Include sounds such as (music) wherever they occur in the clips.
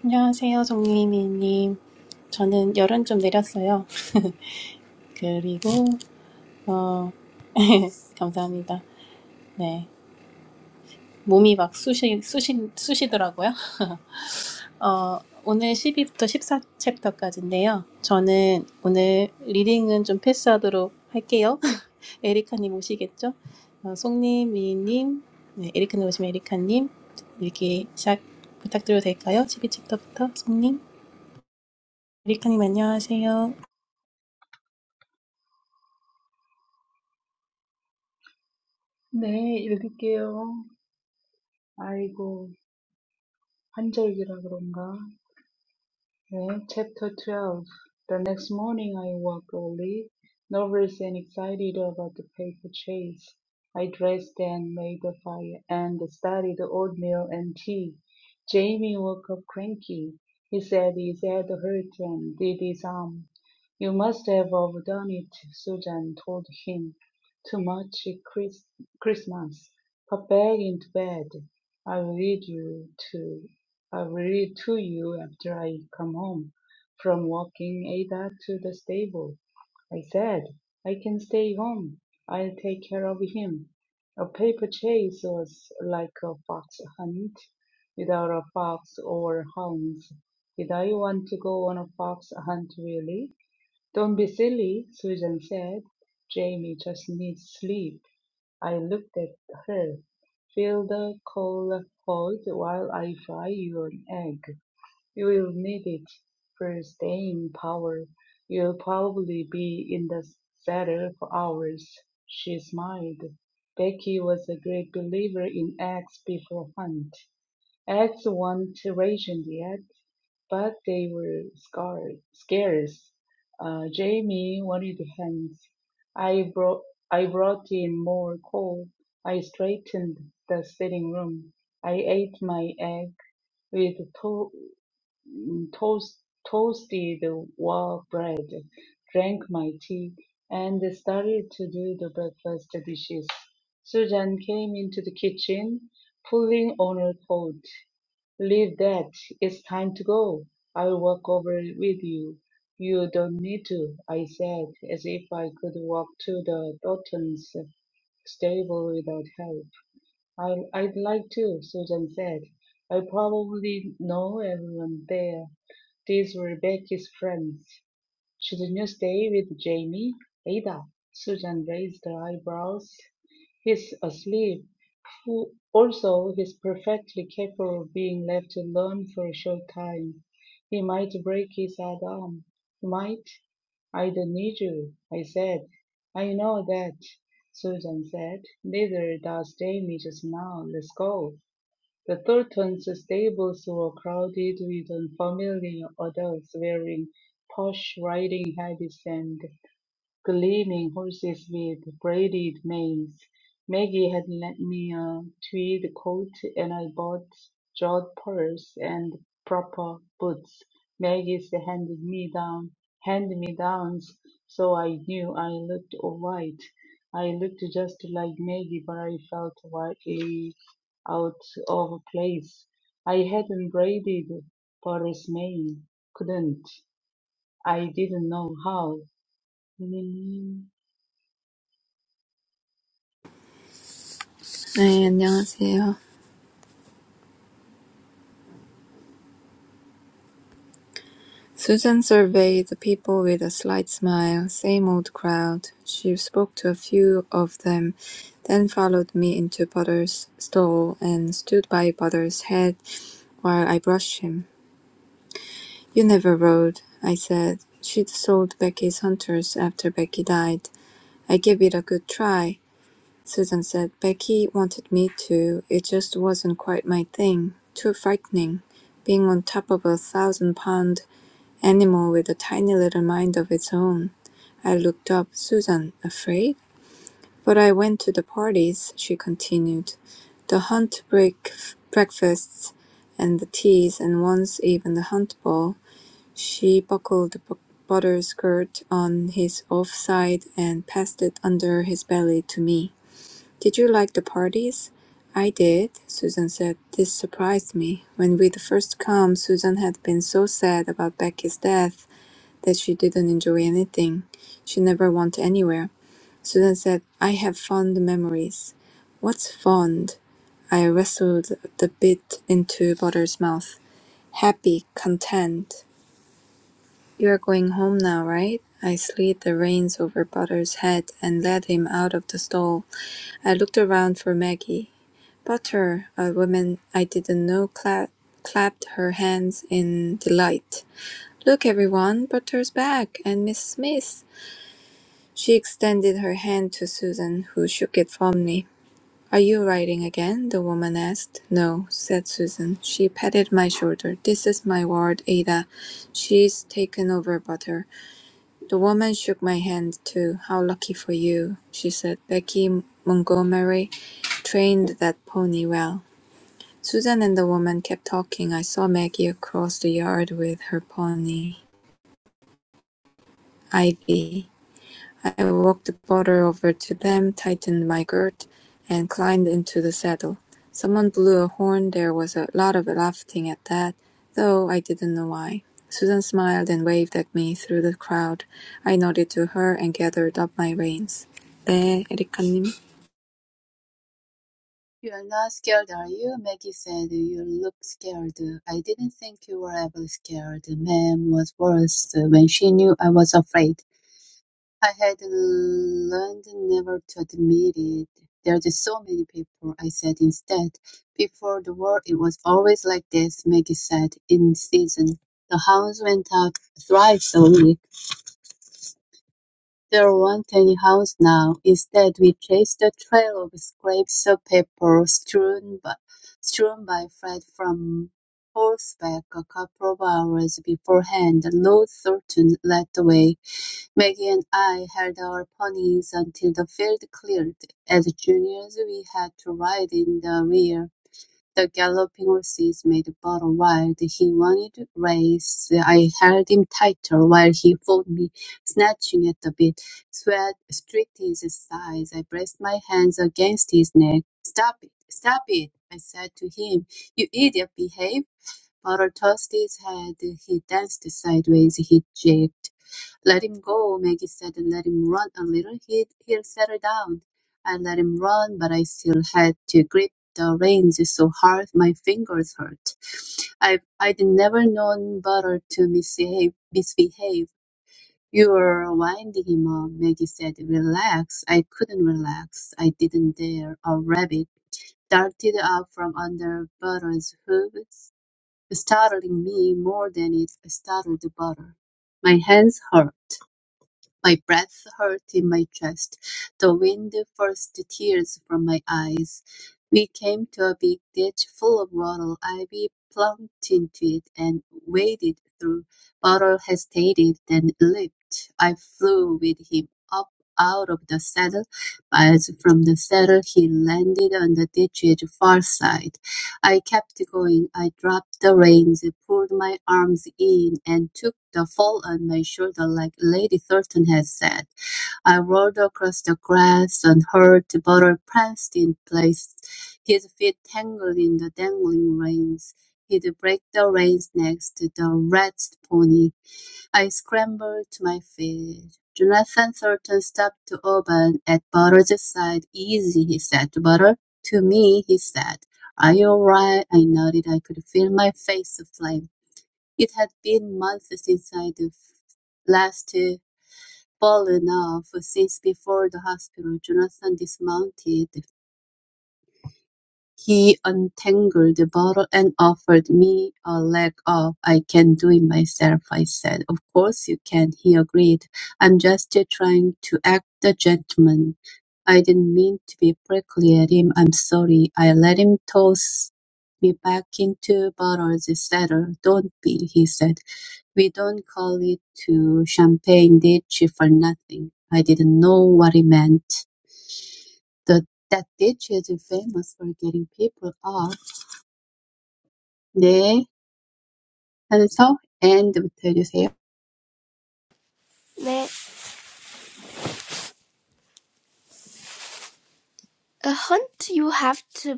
안녕하세요, 정유미님. 저는 열은 좀 내렸어요. (laughs) 그리고, 어, (laughs) 감사합니다. 네. 몸이 막 쑤시, 쑤시, 쑤시더라고요. (laughs) 어, 오늘 12부터 14챕터까지인데요. 저는 오늘 리딩은 좀 패스하도록 할게요. (laughs) 에리카님 오시겠죠? 어, 송님, 네, 에리카님 오시면 에리카님, 이렇게 시작 부탁드려도 될까요? 12챕터부터 송님. 에리카님 안녕하세요. 네, 읽을게요. 아이고, 환절기라 그런가? Okay, chapter 12. The next morning I woke early, nervous and excited about the paper chase. I dressed and made the fire and studied oatmeal and tea. Jamie woke up cranky. He said his head hurt and did his arm. You must have overdone it, Susan told him. Too much Chris- Christmas. Pop back into bed. I will lead you too. I will read to you after I come home from walking Ada to the stable. I said, I can stay home. I'll take care of him. A paper chase was like a fox hunt without a fox or hounds. Did I want to go on a fox hunt really? Don't be silly, Susan said. Jamie just needs sleep. I looked at her, fill the coal hot while I fry your egg. You will need it for staying power. You'll probably be in the cellar for hours. She smiled. Becky was a great believer in eggs before Hunt. Eggs weren't rationed yet, but they were scar- scarce. Uh, Jamie wanted hands. I brought I brought in more coal. I straightened the sitting room. I ate my egg with to- mm, toast toasted wall bread, drank my tea, and started to do the breakfast dishes. Susan came into the kitchen, pulling on her coat. Leave that. It's time to go. I'll walk over with you. You don't need to, I said, as if I could walk to the Daltons' stable without help. I, I'd like to, Susan said. I probably know everyone there. These were Becky's friends. Shouldn't you stay with Jamie? Ada. Susan raised her eyebrows. He's asleep. Who Also, he's perfectly capable of being left alone for a short time. He might break his other arm. He might. I don't need you, I said. I know that, Susan said. Neither does Jamie just now. Let's go. The Thorntons' stables were crowded with unfamiliar adults wearing posh riding habits and gleaming horses with braided manes. Maggie had lent me a tweed coat, and I bought jeweled purse and proper boots. Maggie's handed me down hand me downs, so I knew I looked all right. I looked just like Maggie, but I felt wildly out of place. I hadn't braided Paris Maine, couldn't. I didn't know how. 네, 안녕하세요. Susan surveyed the people with a slight smile. Same old crowd. She spoke to a few of them, then followed me into Butter's stall and stood by Butter's head while I brushed him. You never rode, I said. She'd sold Becky's hunters after Becky died. I gave it a good try, Susan said. Becky wanted me to. It just wasn't quite my thing. Too frightening being on top of a thousand pound animal with a tiny little mind of its own. I looked up. Susan, afraid? But I went to the parties, she continued. The hunt break breakfasts and the teas, and once even the hunt ball. She buckled the bu- butter skirt on his off side and passed it under his belly to me. Did you like the parties? I did, Susan said. This surprised me. When we'd first come, Susan had been so sad about Becky's death that she didn't enjoy anything. She never went anywhere. Susan said, I have fond memories. What's fond? I wrestled the bit into Butter's mouth. Happy, content. You're going home now, right? I slid the reins over Butter's head and led him out of the stall. I looked around for Maggie. Butter, a woman I didn't know, cla- clapped her hands in delight. Look, everyone, Butter's back, and Miss Smith. She extended her hand to Susan, who shook it firmly. "Are you riding again?" the woman asked. "No," said Susan. She patted my shoulder. "This is my ward, Ada. She's taken over butter." The woman shook my hand, too. "How lucky for you," she said. "Becky Montgomery trained that pony well." Susan and the woman kept talking. I saw Maggie across the yard with her pony, Ivy. I walked the border over to them, tightened my girth, and climbed into the saddle. Someone blew a horn. There was a lot of laughing at that, though I didn't know why. Susan smiled and waved at me through the crowd. I nodded to her and gathered up my reins. 네, 에리카님. "You're not scared, are you?" Maggie said. "You look scared. I didn't think you were ever scared. Ma'am was worse when she knew I was afraid. I had learned never to admit it. There's so many people," I said instead. "Before the war it was always like this," Maggie said, in season. The hounds went out thrice a week. There wa'n't any house now; instead we chased a trail of scraps of paper strewn by strewn by Fred from horseback a couple of hours beforehand. Lord Thornton led the way; Maggie and I held our ponies until the field cleared; as juniors we had to ride in the rear. The galloping horses made the battle wild; he wanted to race; I held him tighter while he fought me, snatching at the bit. Sweat streaked his sides. I braced my hands against his neck. "Stop it! Stop it!" I said to him. "You idiot, behave!" Butter tossed his head. He danced sideways. He jigged. Let him go, Maggie said, and let him run a little. He, he'll settle down. I let him run, but I still had to grip the reins so hard my fingers hurt. I, I'd never known Butter to misbehave. misbehave. You were winding him up, Maggie said. Relax. I couldn't relax. I didn't dare. A rabbit darted out from under Butter's hooves, startling me more than it startled Butter. My hands hurt. My breath hurt in my chest. The wind forced tears from my eyes. We came to a big ditch full of water. Ivy plumped into it and waded through. Butter hesitated, then leaped. I flew with him up out of the saddle. Miles from the saddle, he landed on the ditch's far side. I kept going. I dropped the reins, pulled my arms in, and took the fall on my shoulder like Lady Thornton had said. I rolled across the grass and heard Butter pranced in place, his feet tangled in the dangling reins. He'd break the reins next, the rat's pony. I scrambled to my feet. Jonathan Thornton stopped to open at Butler's side. "Easy," he said to Butler. To me, he said, "Are you all right?" I nodded. I could feel my face aflame. It had been months since I'd last fallen off, since before the hospital. Jonathan dismounted he untangled the bottle and offered me a leg up. "I can do it myself," I said. "Of course you can," he agreed. "I'm just trying to act the gentleman. I didn't mean to be prickly at him. I'm sorry." I let him toss me back into Butters' saddle. "Don't be," he said. "We don't call it to champagne ditch for nothing." I didn't know what he meant. The that ditch is famous for getting people off. 네, 한서 and 부터 네, A hunt you have to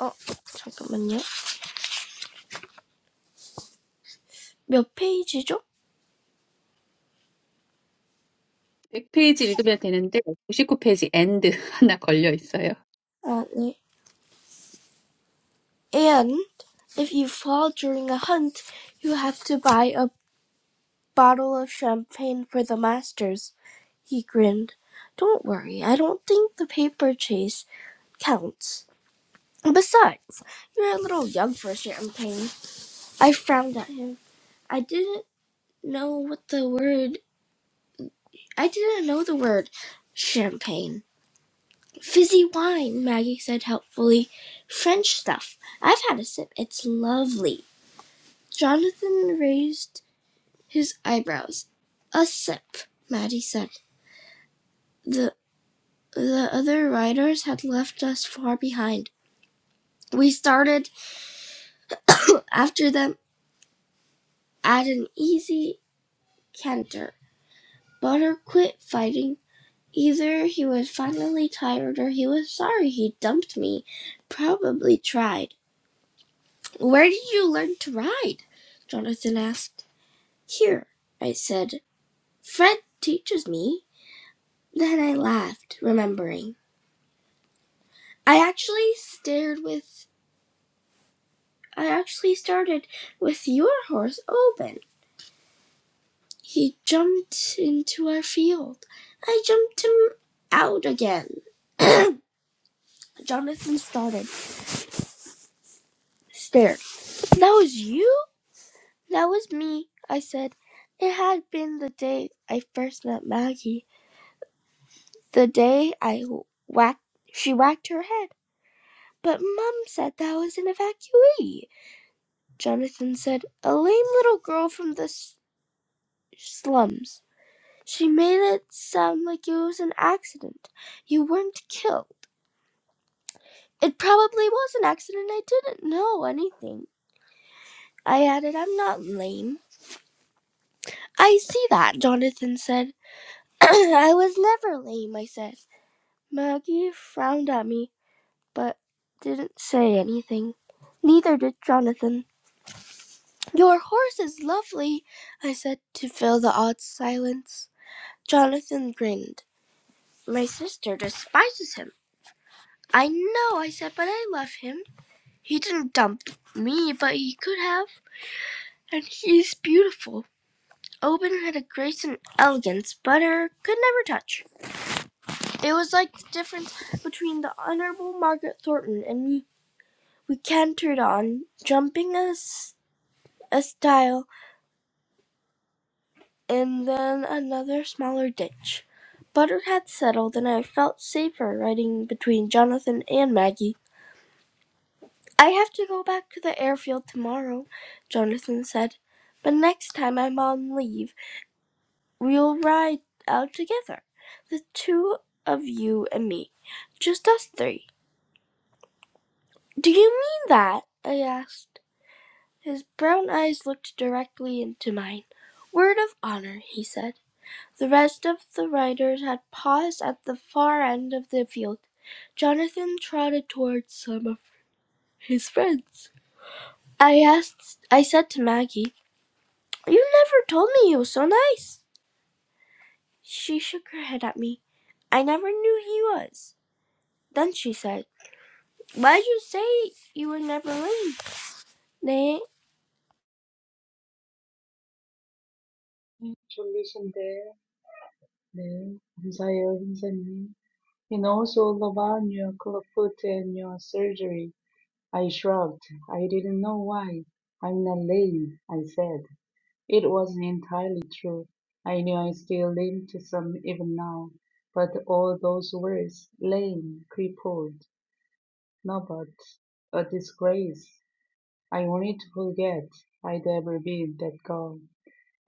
어 잠깐만요. 몇 페이지죠? 백 페이지 읽으면 되는데 구십구 페이지 end (laughs) 하나 걸려 있어요. 아 네. And if you fall during a hunt, you have to buy a bottle of champagne for the masters. He grinned. Don't worry, I don't think the paper chase counts. Besides, you're a little young for champagne. I frowned at him. I didn't know what the word. I didn't know the word champagne. Fizzy wine, Maggie said helpfully. French stuff. I've had a sip. It's lovely. Jonathan raised his eyebrows. A sip, Maddie said. The the other riders had left us far behind. We started (coughs) after them at an easy canter. Butter quit fighting. Either he was finally tired or he was sorry he dumped me. Probably tried. Where did you learn to ride? Jonathan asked. "Here," I said, "Fred teaches me." Then I laughed, remembering. "I actually stared with I actually started with your horse open. He jumped into our field. I jumped him out again." (coughs) (clears throat) Jonathan started, stared. "That was you?" "That was me," I said. "It had been the day I first met Maggie, the day I whacked she whacked her head. "But Mum said that was an evacuee," Jonathan said. "A lame little girl from the s- slums. She made it sound like it was an accident. You weren't killed." "It probably was an accident. I didn't know anything," I added. "I'm not lame." "I see that," Jonathan said. (clears throat) "I was never lame," I said. Maggie frowned at me, but didn't say anything. Neither did Jonathan. Your horse is lovely, I said to fill the odd silence. Jonathan grinned. My sister despises him. I know, I said, but I love him. He didn't dump me, but he could have. And he's beautiful. Oban had a grace and elegance Butter could never touch. It was like the difference between the Honorable Margaret Thornton and me. We cantered on, jumping a a stile and then another smaller ditch. Butter had settled, and I felt safer riding between Jonathan and Maggie. I have to go back to the airfield tomorrow, Jonathan said, but next time I'm on leave, we'll ride out together, the two of you and me, just us three. Do you mean that? I asked. His brown eyes looked directly into mine. Word of honor, he said. The rest of the riders had paused at the far end of the field. Jonathan trotted towards some of his friends. I asked I said to Maggie, You never told me he was so nice. She shook her head at me. I never knew he was. Then she said, Why'd you say you were never late? 네. Solution there, then desire himself. You know, so about your club foot and your surgery. I shrugged. I didn't know why. I'm not lame, I said. It wasn't entirely true. I knew I still lame to some even now. But all those words, lame, crippled, nobody, a disgrace. I wanted to forget I'd ever been that girl.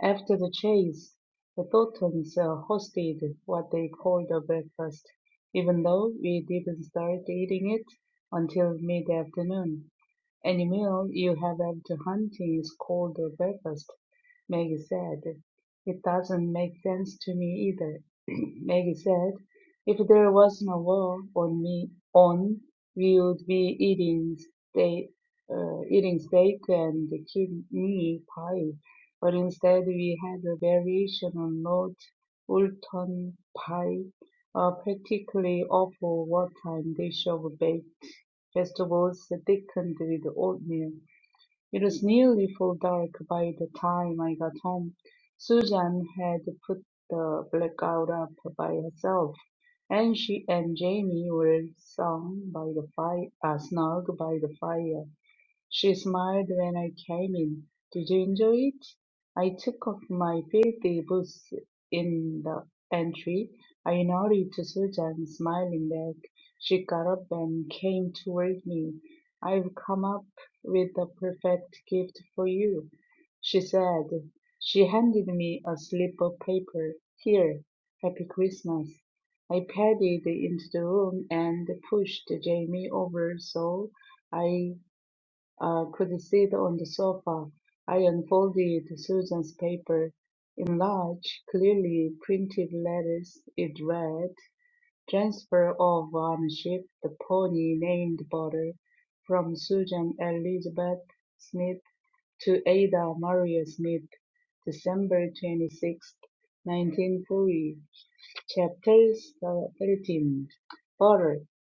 After the chase, the Totons uh, hosted what they called a breakfast, even though we didn't start eating it until mid-afternoon. Any meal you have after hunting is called a breakfast, Maggie said. It doesn't make sense to me either, (clears throat) Maggie said. If there wasn't a war on me on, we would be eating steak, uh, eating steak and kidney pie but instead we had a variation on Lord Woolton pie, a practically awful wartime dish of baked vegetables thickened with oatmeal. It was nearly full dark by the time I got home. Susan had put the blackout up by herself, and she and Jamie were sung by the fire, uh, snug by the fire. She smiled when I came in. Did you enjoy it? I took off my filthy boots in the entry. I nodded to Susan, smiling back. She got up and came toward me. I've come up with the perfect gift for you, she said. She handed me a slip of paper. Here, Happy Christmas. I padded into the room and pushed Jamie over so I I could sit on the sofa. I unfolded Susan's paper. In large, clearly printed letters, it read, Transfer of ownership, the pony named Butter, from Susan Elizabeth Smith to Ada Maria Smith, December 26, 1940. Chapters Thirteen. written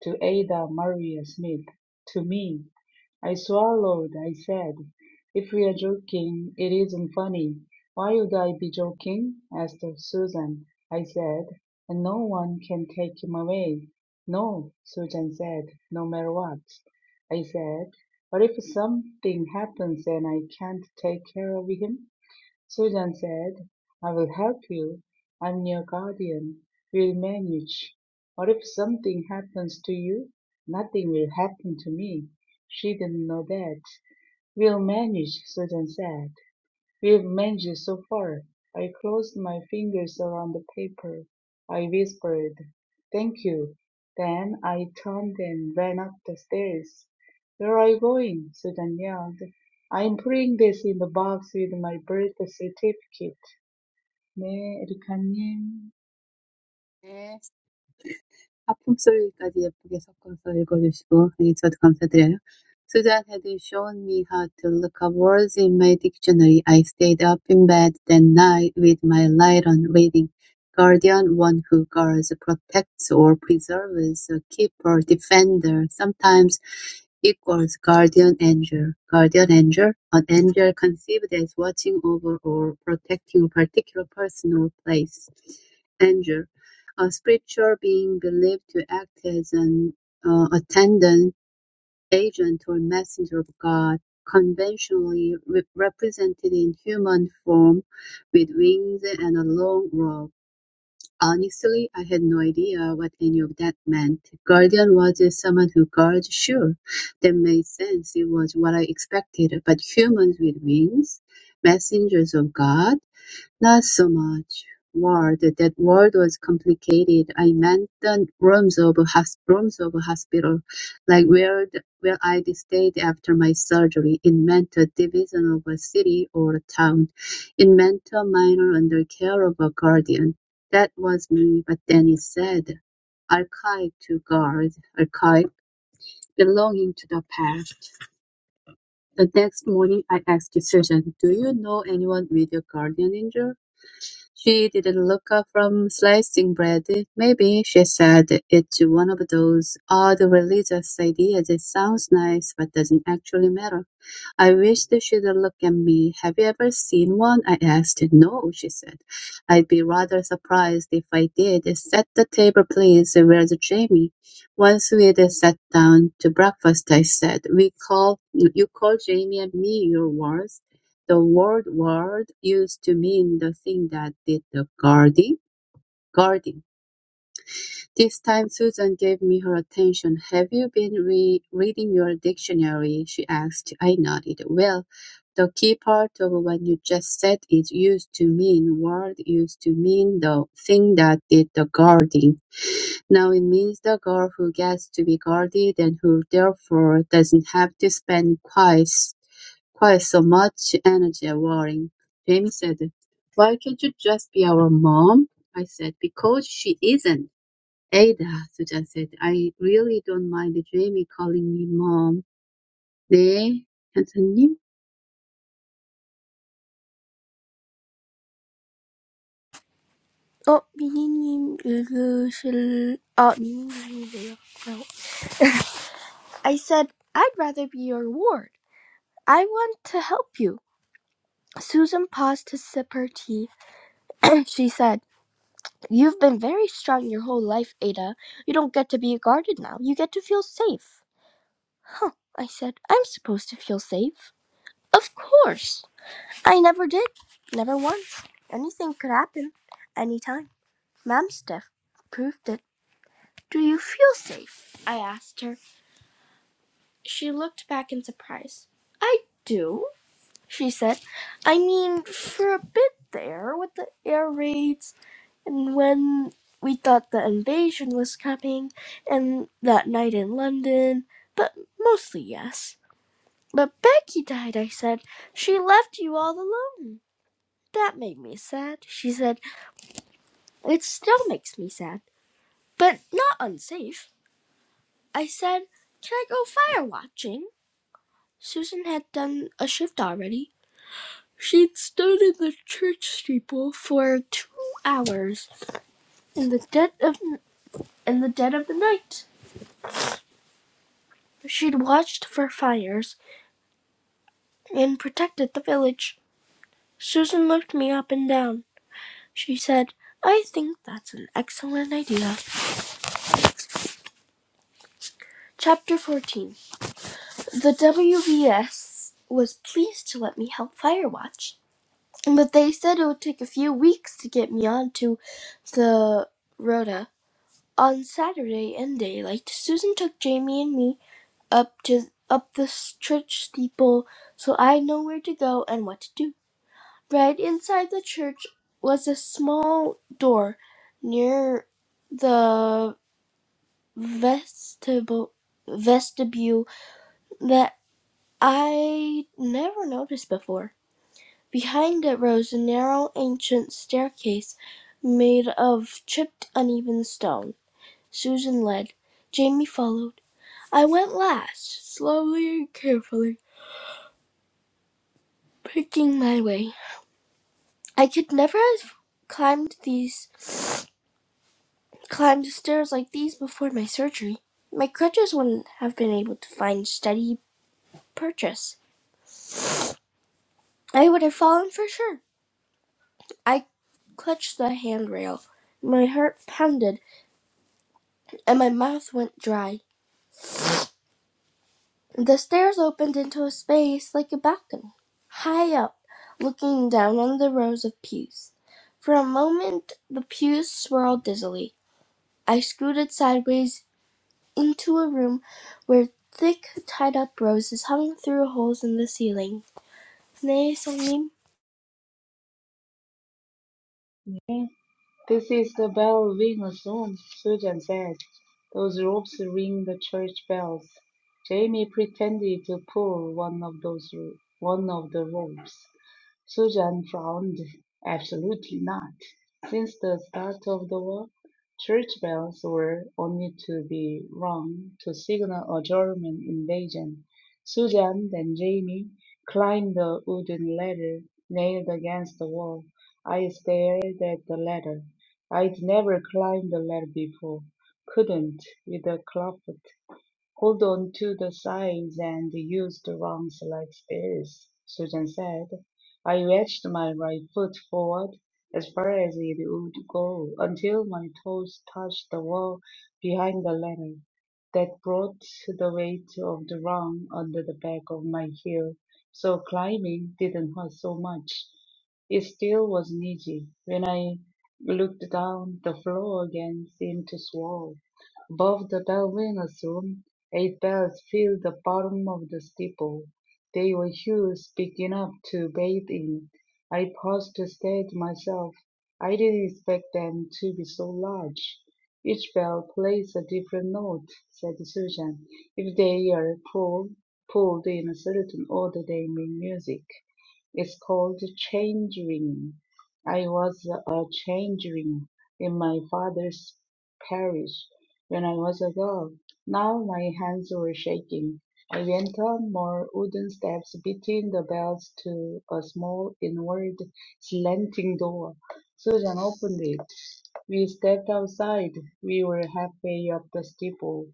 to Ada Maria Smith. To me, I swallowed. I said, If we are joking, it isn't funny. Why would I be joking? asked Susan. I said, And no one can take him away. No, Susan said, no matter what. I said, What if something happens and I can't take care of him? Susan said, "I will help you. I'm your guardian. We'll manage. Or if something happens to you, nothing will happen to me." She didn't know that. "We'll manage," Susan said. We've managed so far. I closed my fingers around the paper. I whispered, Thank you. Then I turned and ran up the stairs. Where are you going? Susan yelled. I'm putting this in the box with my birth certificate. 네, 에리카님. 네. 하품소리까지 예쁘게 섞어서 읽어주시고 아니 저도 감사드려요. Susan had shown me how to look up words in my dictionary. I stayed up in bed that night with my light on reading. Guardian, one who guards, protects, or preserves, a keeper, defender, sometimes equals guardian angel. Guardian angel, an angel conceived as watching over or protecting a particular person or place uh, scripture being believed to act as an uh, attendant, agent, or messenger of God, conventionally re- represented in human form with wings and a long robe. Honestly, I had no idea what any of that meant. Guardian was someone who guards, sure. That made sense. It was what I expected. But humans with wings? Messengers of God? Not so much ward. That ward was complicated. I meant the rooms of hos- rooms of hospital, like where the, where I stayed after my surgery. It meant a division of a city or a town. It meant a minor under care of a guardian. That was me. But then he said, "Archive to guard, archive belonging to the past." The next morning, I asked Susan, "Do you know anyone with a guardian angel?" She didn't look up from slicing bread. Maybe, she said, it's one of those odd religious ideas that sounds nice but doesn't actually matter. I wish they should look at me. Have you ever seen one? I asked. No, she said. I'd be rather surprised if I did. Set the table, please. Where's Jamie? Once we'd sat down to breakfast, I said, "We call you call Jamie and me your words." The word "word" used to mean the thing that did the guarding. Guarding. This time Susan gave me her attention. "Have you been re- reading your dictionary?" she asked. I nodded. "Well, the key part of what you just said is used to mean. Word used to mean the thing that did the guarding. Now it means the girl who gets to be guarded and who therefore doesn't have to spend quite s- quite so much energy worrying. Jamie said, Why can't you just be our mom? I said, Because she isn't. Ada, Sujan said, I really don't mind Jamie calling me mom. 네, 현서님. 어, 미니님 읽으실... 아, 미니님이네요. I said, I'd rather be your ward. I want to help you. Susan paused to sip her tea, (clears throat) and she said, You've been very strong your whole life, Ada. You don't get to be guarded now. You get to feel safe. Huh, I said, I'm supposed to feel safe. Of course. I never did. Never once. Anything could happen. Anytime. Mam's death proved it. Do you feel safe? I asked her. She looked back in surprise. I do, she said. I mean, for a bit there with the air raids And when we thought the invasion was coming, and that night in London, but mostly yes. But Becky died, I said. She left you all alone. That made me sad. She said, It still makes me sad, but not unsafe. I said, Can I go fire watching? Susan had done a shift already. She'd stood in the church steeple for two hours in the dead of in the dead of the night She'd watched for fires and protected the village. Susan looked me up and down. She said, I think that's an excellent idea. Chapter 14 The WVS was pleased to let me help fire watch, but they said it would take a few weeks to get me onto the Rota. On Saturday in daylight, Susan took Jamie and me up to up the church steeple so I know where to go and what to do. Right inside the church was a small door near the vestibule, vestibule that I never noticed before. Behind it rose a narrow ancient staircase made of chipped uneven stone. Susan led. Jamie followed. I went last, slowly and carefully, picking my way. I could never have climbed these climbed stairs like these before my surgery, my crutches wouldn't have been able to find steady purchase. I would have fallen for sure. I clutched the handrail. My heart pounded and my mouth went dry. The stairs opened into a space like a balcony, high up, looking down on the rows of pews. For a moment, the pews swirled dizzily. I scooted sideways into a room where thick tied up roses hung through holes in the ceiling. 네, 성님. This is the bell ring of song, Susan said. Those ropes ring the church bells. Jamie pretended to pull one of those one of the ropes. Susan frowned, Absolutely not. Since the start of the war, church bells were only to be rung to signal a German invasion. Susan and Jamie climbed the wooden ladder nailed against the wall. I stared at the ladder. I'd never climbed the ladder before. Couldn't with a club. Hold on to the sides and use the rungs like spears, Susan said. I wedged my right foot forward as far as it would go until my toes touched the wall behind the ladder. That brought the weight of the rung under the back of my heel, so climbing didn't hurt so much. It still wasn't easy. When I looked down, the floor again seemed to swirl above the Darwin's room. Eight bells filled the bottom of the steeple. They were huge, big enough to bathe in. I paused to stare at myself. I didn't expect them to be so large. Each bell plays a different note, said Susan. If they are pulled, pulled in a certain order, they make music. It's called change ring. I was a change ring in my father's parish when I was a girl. Now my hands were shaking. I went on more wooden steps, beating the bells to a small inward slanting door. Susan opened it. We stepped outside. We were halfway up the steeple.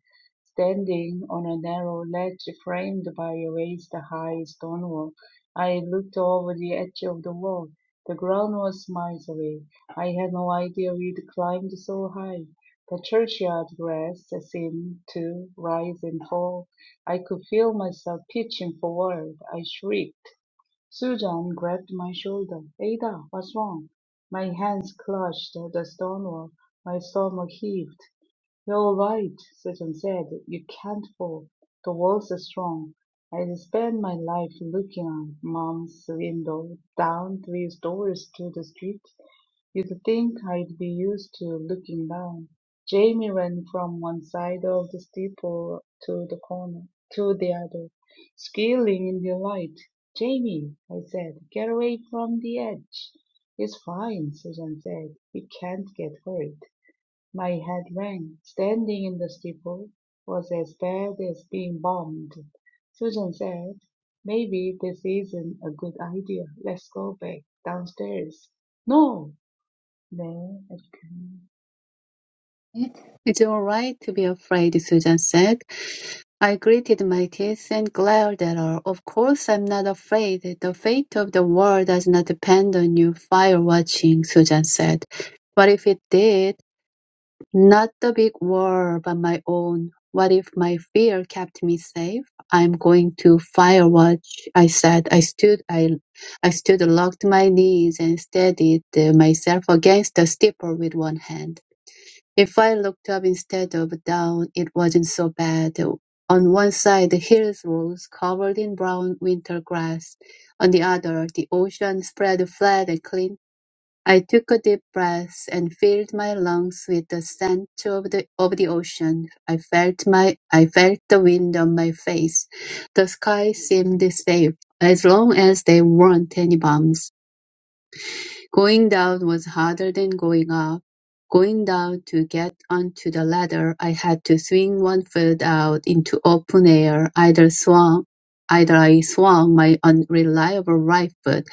Standing on a narrow ledge framed by a raised high stone wall, I looked over the edge of the wall. The ground was miles away. I had no idea we'd climbed so high. The churchyard grass seemed to rise and fall. I could feel myself pitching forward. I shrieked. Susan grabbed my shoulder. Ada, what's wrong? My hands clutched the stone wall. My stomach heaved. "You're all right," Sutton said. "You can't fall. The walls are strong. I spend my life looking out Mom's window, down three stories to the street. You'd think I'd be used to looking down." Jamie ran from one side of the steeple to the corner, to the other, squealing in delight. "Jamie," I said, "get away from the edge." "It's fine," Susan said. "You can't get hurt." My head rang. Standing in the steeple was as bad as being bombed. Susan said, Maybe this isn't a good idea. Let's go back downstairs. No! 네, 이렇게. 네. It's all right to be afraid, Susan said. I gritted my teeth and glared at her. Of course I'm not afraid. The fate of the world does not depend on you fire watching, Susan said. But if it did? Not the big world, but my own. What if my fear kept me safe? I'm going to fire watch, I said. I stood, I, I stood, locked my knees and steadied uh, myself against the steeple with one hand. If I looked up instead of down, it wasn't so bad. On one side, the hills rose, covered in brown winter grass. On the other, the ocean spread flat and clean I took a deep breath and filled my lungs with the scent of the of the ocean. I felt my I felt the wind on my face. The sky seemed safe as long as there weren't any bombs. Going down was harder than going up. Going down to get onto the ladder, I had to swing one foot out into open air. Either swung, either I swung my unreliable right foot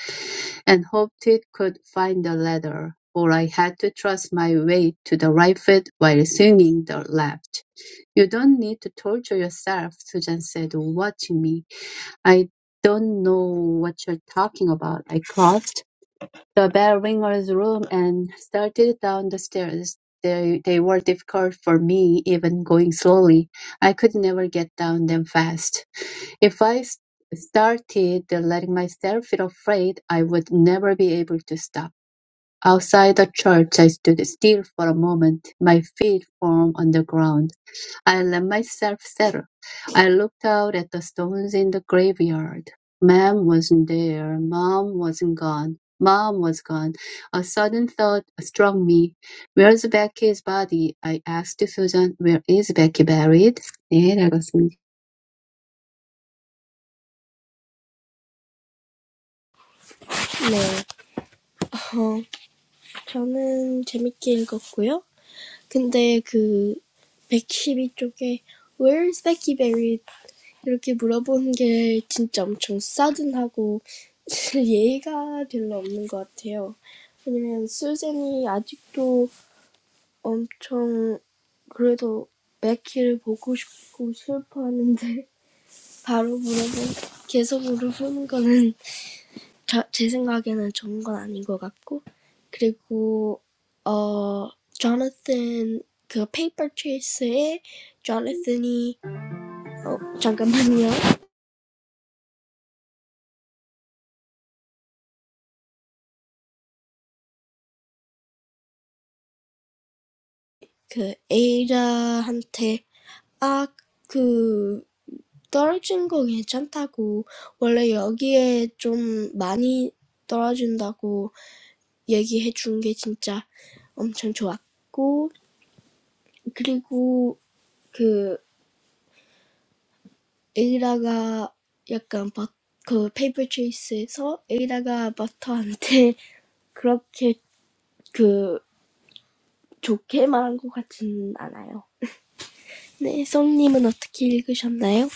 and hoped it could find the ladder, for I had to trust my weight to the right foot while swinging the left. You don't need to torture yourself, Susan said, watching me. I don't know what you're talking about. I crossed the bell ringer's room and started down the stairs. They, they were difficult for me, even going slowly. I could never get down them fast. If I s- started letting myself feel afraid, I would never be able to stop. Outside the church, I stood still for a moment, my feet firm on the ground. I let myself settle. I looked out at the stones in the graveyard. Mom wasn't there. Mom wasn't gone. Mom was gone. A sudden thought struck me. Where's Becky's body? I asked Susan. Where is Becky buried? 네, 잘 읽었습니다. 네, 어, 저는 재밌게 읽었고요. 근데 그 백십이 쪽에 Where's Becky Berry? 이렇게 물어보는 게 진짜 엄청 싸든하고 (laughs) 예의가 별로 없는 것 같아요. 왜냐면 수젠이 아직도 엄청 그래도 맥키를 보고 싶고 슬퍼하는데 바로 물어보 계속 물어보는 거는 (laughs) 저, 제 생각에는 좋은 건 아닌 것 같고 그리고 어 조나탄 그 페이퍼 트레이스에 조나탄이 어 잠깐만요 그 에이라한테 아 그 떨어진 거 괜찮다고 원래 여기에 좀 많이 떨어진다고 얘기해 준 게 진짜 엄청 좋았고 그리고 그 에이라가 약간 바, 그 페이퍼 체이스에서 에이라가 버터한테 (laughs) 그렇게 그 좋게 말한 것 같진 않아요. 네, 썸님은 어떻게 읽으셨나요?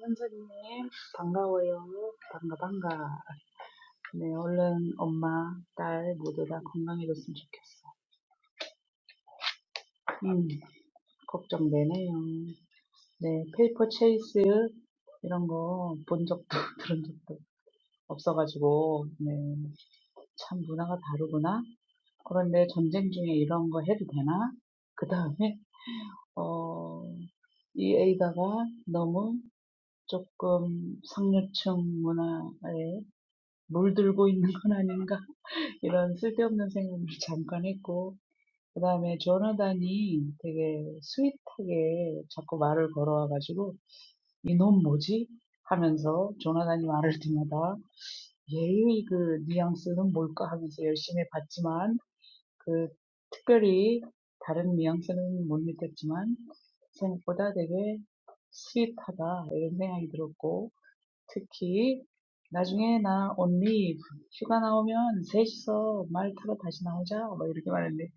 선생님, 반가워요. 반가, 반가. 네, 얼른 엄마, 딸 모두 다 건강해졌으면 좋겠어. 음, 걱정되네요. 네, 페이퍼 체이스 이런 거 본 적도 (laughs) 들은 적도 없어가지고, 네. 참 문화가 다르구나. 그런데 전쟁 중에 이런 거 해도 되나? 그 다음에, 어, 이 A다가 너무 조금 상류층 문화에 물들고 있는 (laughs) 건 아닌가? 이런 쓸데없는 생각을 잠깐 했고, 그 다음에 조나단이 되게 스윗하게 자꾸 말을 걸어와가지고, 이놈 뭐지? 하면서 조나단이 말할 때마다 얘의 그 뉘앙스는 뭘까 하면서 열심히 봤지만, 그 특별히 다른 뉘앙스는 못 느꼈지만 생각보다 되게 스윗하다 이런 생각이 들었고 특히 나중에 나 언니 휴가 나오면 셋이서 말 타러 다시 나오자 막 이렇게 말했는데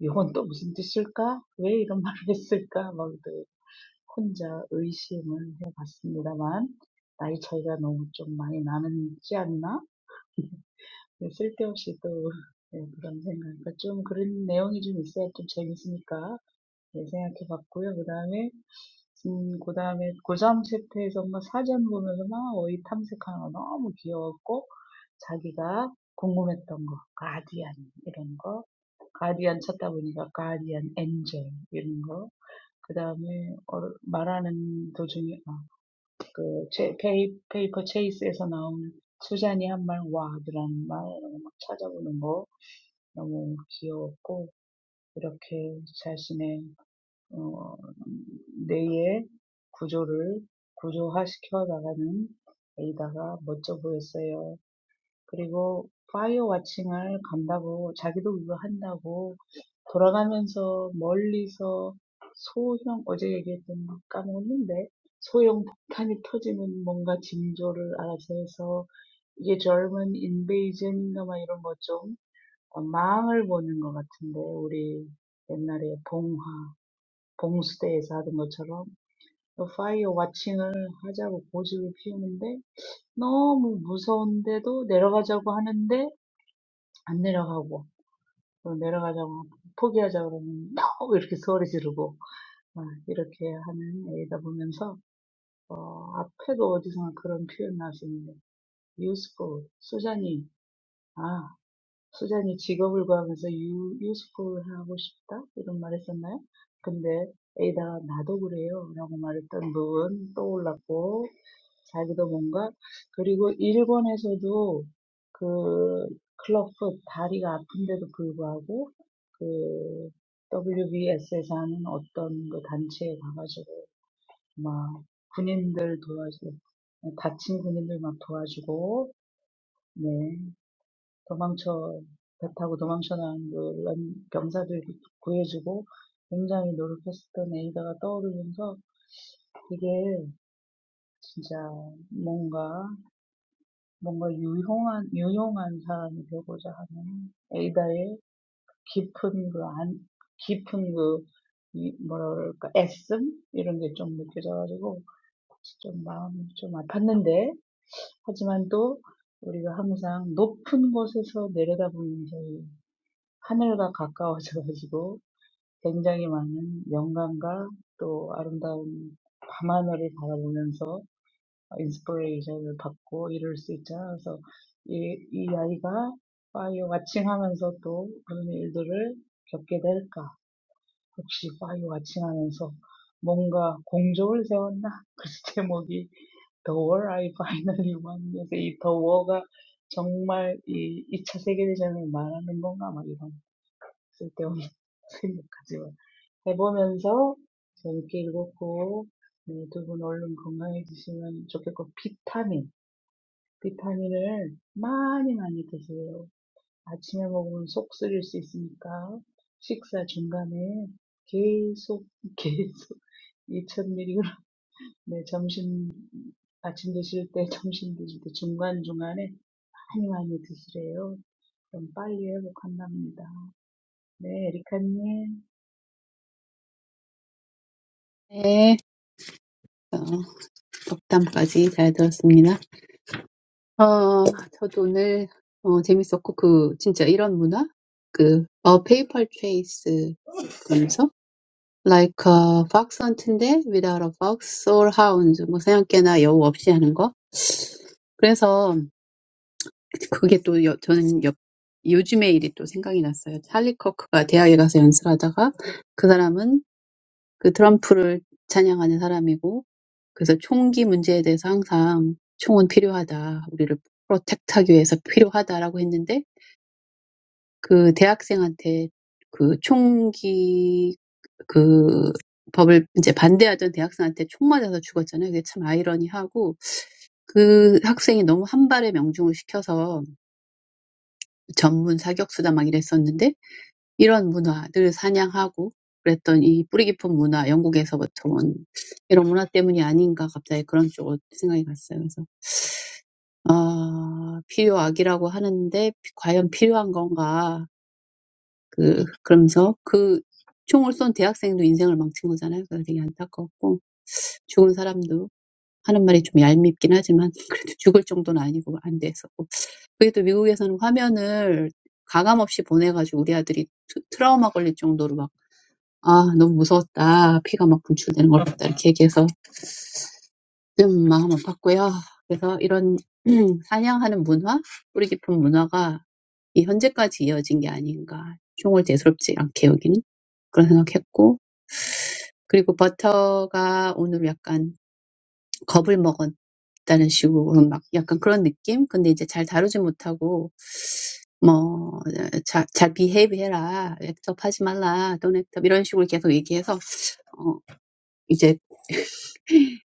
이건 또 무슨 뜻일까? 왜 이런 (laughs) 말을 했을까? 막그 혼자 의심을 해봤습니다만 나이 차이가 너무 좀 많이 나는지 않나? 쓸데없이 쓸데없이 또 네, 그런 그러니까 좀 그런 내용이 좀 있어야 좀 재밌으니까 네, 생각해 봤고요. 그 다음에 음, 그 다음에 고3 챕터에서 막 사전 보면서 막 어이 탐색하는 거 너무 귀여웠고 자기가 궁금했던 거 가디언 이런 거 가디언 찾다 보니까 가디언 엔젤 이런 거. 그 다음에 말하는 도중에 아, 그 제, 페이, 페이퍼 체이스에서 나온 수잔이 한 말 와드라는 말 막 찾아보는 거 너무 귀여웠고 이렇게 자신의 어, 뇌의 구조를 구조화시켜 나가는 에이다가 멋져 보였어요. 그리고 파이어 워칭을 간다고 자기도 그거 한다고 돌아가면서 멀리서 소형 어제 얘기했던 거 까먹었는데 소형 폭탄이 터지는 뭔가 징조를 알아서 해서 이게 젊은 인베이전인가 막 이런 거좀 망을 보는 것 같은데 우리 옛날에 봉화 봉수대에서 하던 것처럼 파이어 워칭을 하자고 고집을 피우는데 너무 무서운데도 내려가자고 하는데 안 내려가고 또 내려가자고 포기하자고 그러면 no 이렇게 소리 지르고 아, 이렇게 하는 애이다 보면서 어, 앞에도 어디선가 그런 표현 나왔었는데 useful 수잔이 아 수잔이 직업을 구하면서 유, useful 하고 싶다 이런 말 했었나요? 근데 에이다가 나도 그래요 라고 말했던 부분 떠올랐고 자기도 뭔가 그리고 일본에서도 그 클럽풋 다리가 아픈데도 불구하고 그 WBS에서 하는 어떤 그 단체에 가가지고 막 군인들 도와주고 다친 군인들 막 도와주고 네 도망쳐 배 타고 도망쳐 나온 그런 병사들 구해주고 굉장히 노력했었던 에이다가 떠오르면서 이게 진짜 뭔가 뭔가 유용한, 유용한 사람이 되고자 하는 에이다의 깊은 그 안, 깊은 그, 이, 뭐랄까, 애씀? 이런 게 좀 느껴져가지고, 좀 마음이 좀 아팠는데, 하지만 또 우리가 항상 높은 곳에서 내려다보면서 이 하늘과 가까워져가지고, 굉장히 많은 영광과 또 아름다운 밤하늘을 바라보면서 인스퍼레이션을 받고 이럴 수 있잖아요. 그래서 이, 이 아이가 파이어 와칭하면서 또 그런 일들을 겪게 될까? 혹시 파이어 와칭하면서 뭔가 공적을 세웠나? (laughs) 그래서 제목이 The War I Finally Won. 그래서 이 The War가 정말 이 2차 세계대전을 말하는 건가? 막 이런 쓸데없는 (laughs) 생각까지 해보면서 재밌게 읽었고 네, 두분 얼른 건강해지시면 좋겠고 비타민 비타민을 많이 많이 드세요. 아침에 먹으면 속 쓰릴 수 있으니까 식사 중간에 계속 (laughs) 계속 2000mg 네, 점심 아침 드실 때 (laughs) 점심 드실 때 중간중간에 많이 많이 드시래요. 그럼 빨리 회복한답니다. 네, 에리카님. 네. 어. Oh, that's so cool. 그래서 총기 문제에 대해서 항상 총은 필요하다. 우리를 프로텍트하기 위해서 필요하다라고 했는데 그 대학생한테 그 총기 그 법을 이제 반대하던 대학생한테 총 맞아서 죽었잖아요. 그게 참 아이러니하고 그 학생이 너무 한 발에 명중을 시켜서 전문 사격수다 막 이랬었는데 이런 문화를 사냥하고 그랬던 이 뿌리 깊은 문화, 영국에서부터 온 이런 문화 때문이 아닌가 갑자기 그런 쪽으로 생각이 갔어요. 그래서 아, 필요악이라고 하는데 과연 필요한 건가? 그 그러면서 그 총을 쏜 대학생도 인생을 망친 거잖아요. 그래서 되게 안타깝고 죽은 사람도 하는 말이 좀 얄밉긴 하지만 (laughs) 그래도 죽을 정도는 아니고 안 됐었고 그게 또 미국에서는 화면을 가감 없이 보내가지고 우리 아들이 트, 트라우마 걸릴 정도로 막 아, 너무 무서웠다. 피가 막 분출되는 걸 봤다. 이렇게 얘기해서 좀 마음 아팠고요. 그래서 이런 (clears throat) 사냥하는 문화, 뿌리 깊은 문화가 이 현재까지 이어진 게 아닌가. 총을 대수롭지 않게 여기는 그런 생각했고, 그리고 버터가 오늘 약간 겁을 먹었다는 식으로 막 약간 그런 느낌? 근데 이제 잘 다루지 못하고, 뭐, 잘, 잘 비헤이브 해라. 액터하지 말라. don't act up. 이런 식으로 계속 얘기해서, 어, 이제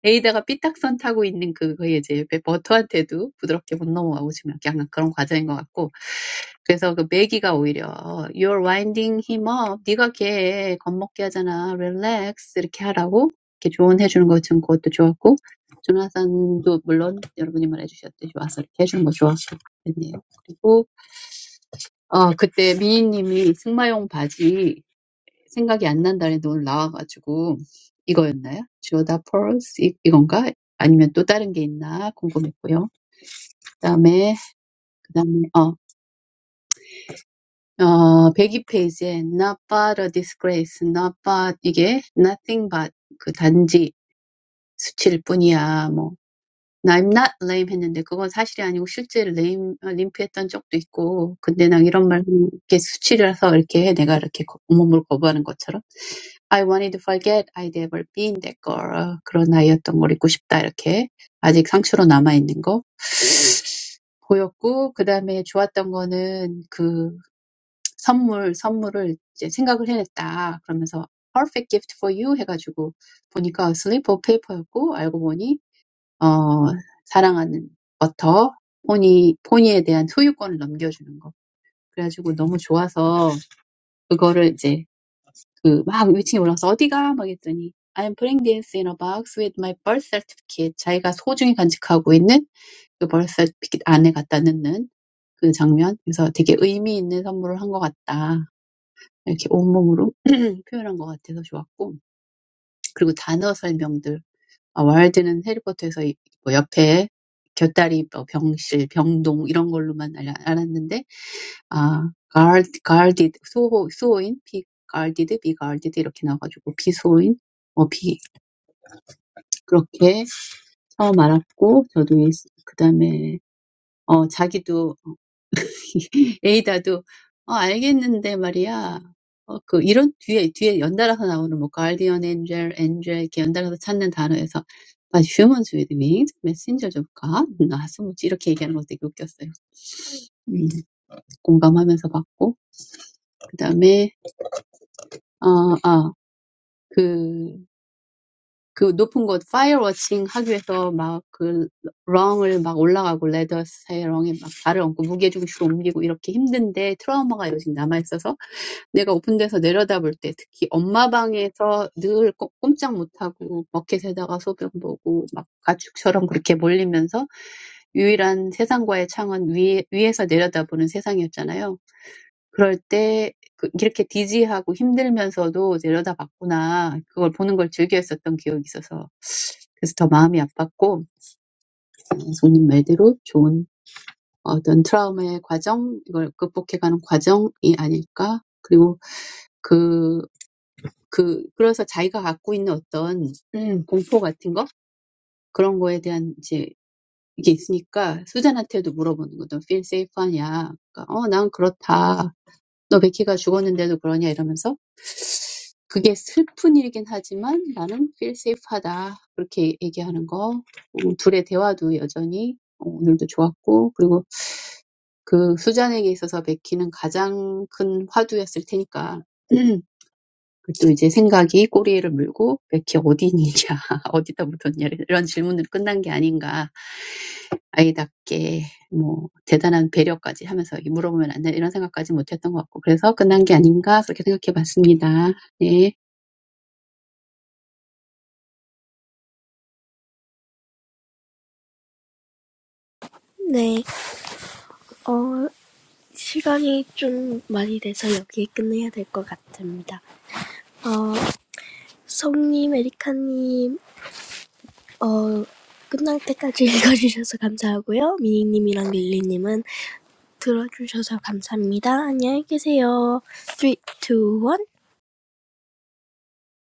에이다가 삐딱선 타고 있는 그거에 이제 배- 버터한테도 부드럽게 못 넘어가고 지금 약간 그런 과정인 것 같고 그래서 그 매기가 오히려 You're winding him up. 네가 걔 겁먹게 하잖아. Relax 이렇게 하라고 이렇게 조언해 주는 것 지금 그것도 좋았고 조나산도 물론 여러분이 말해주셨듯이 와서 이렇게 해주는 거 좋았고 그랬네요. 그리고 어 그때 미인님이 승마용 바지 Jewel, pearls, 이- 이건가? 아니면 또 다른 게 있나 궁금했고요. 그다음에 그다음에 어어 back page에 not but a disgrace, not but 이게 nothing but 그 단지 수치일 뿐이야 뭐. I'm not lame,했는데 그건 사실이 아니고 실제로 lame, 아, 림프했던 적도 있고 근데 난 이런 말 이렇게 수치라서 이렇게 해. 내가 이렇게 거- 온몸을 거부하는 것처럼 I wanted to forget I'd ever been that girl 그런 아이였던 걸 잊고 싶다 이렇게 아직 상처로 남아 있는 거 보였고 그 다음에 좋았던 거는 그 선물 선물을 이제 생각을 해냈다 그러면서 perfect gift for you 해가지고 보니까 slip of paper였고 알고 보니 어, 사랑하는 버터, 포니, 포니에 대한 소유권을 넘겨주는 거. 그래가지고 너무 좋아서 그거를 이제 그막 위층에 올라가서 어디가? 막 했더니 I'm putting this in a box with my birth certificate. 자기가 소중히 간직하고 있는 그 birth certificate 안에 갖다 넣는 그 장면. 그래서 되게 의미 있는 선물을 한것 같다. 이렇게 온몸으로 (clears throat) 표현한 것 같아서 좋았고. 그리고 단어 설명들. Wild는 해리포터에서 이- 뭐 옆에 곁다리 뭐 병실 병동 이런 걸로만 알, 알았는데, Gal Gal did, Soho Sohoin, Gal did, Big Gal did 이렇게 나가지고, Big Sohoin, Big 그렇게 저 말았고, 저도 그 다음에 어 자기도 (laughs) 에이다도 어, 알겠는데 말이야. 어, 그 이런 뒤에 뒤에 연달아서 나오는 뭐 guardian angel, angel 이렇게 연달아서 찾는 단어에서 but humans with wings, messengers of God, 나서 이렇게 얘기하는 것도 되게 웃겼어요. 음, 공감하면서 봤고 그다음에 어아그 그그 높은 곳 파이어 워칭 학교에서 막그 렁을 막 올라가고 레더 사이 렁에 막 발을 얹고 무게 중심을 옮기고 이렇게 힘든데 트라우마가 요즘 남아 있어서 내가 오픈돼서 내려다볼 때 특히 엄마 방에서 늘 꼼- 꼼짝 못하고 버킷에다가 소변 보고 막 가축처럼 그렇게 몰리면서 유일한 세상과의 창은 위, 위에서 내려다보는 세상이었잖아요. 그럴 때 그- 이렇게 디지하고 힘들면서도 내려다봤구나. 그걸 보는 걸 즐겨 했었던 기억이 있어서 그래서 더 마음이 아팠고 음, 손님 말대로 좋은 어떤 트라우마의 과정, 이걸 극복해가는 과정이 아닐까. 그리고 그 그 그래서 자기가 갖고 있는 어떤 음, 공포 같은 거 그런 거에 대한 이제 이게 있으니까 수잔한테도 물어보는 거죠. feel safe하냐? 그러니까 어, 난 그렇다. 너 베키가 죽었는데도 그러냐 이러면서 그게 슬픈 일이긴 하지만 나는 feel safe하다 그렇게 얘기하는 거 어, 둘의 대화도 여전히 어, 오늘도 좋았고 그리고 그 수잔에게 있어서 베키는 가장 큰 화두였을 테니까 또 이제 생각이 꼬리를 물고 백희 어디니냐 (laughs) 어디다 묻었냐 이런 질문으로 끝난 게 아닌가 아이답게 뭐 대단한 배려까지 하면서 이게 물어보면 안 되나 이런 생각까지 못했던 것 같고 그래서 끝난 게 아닌가 그렇게 생각해봤습니다. 네. 네, 어, 시간이 좀 많이 돼서 여기에 끝내야 될 것 같습니다. 어, 송님, 에리카님, 어, 끝날 때까지 (laughs) 읽어주셔서 감사하고요. 미니님이랑 릴리님은 들어주셔서 감사합니다. 안녕히 계세요. three, two, one.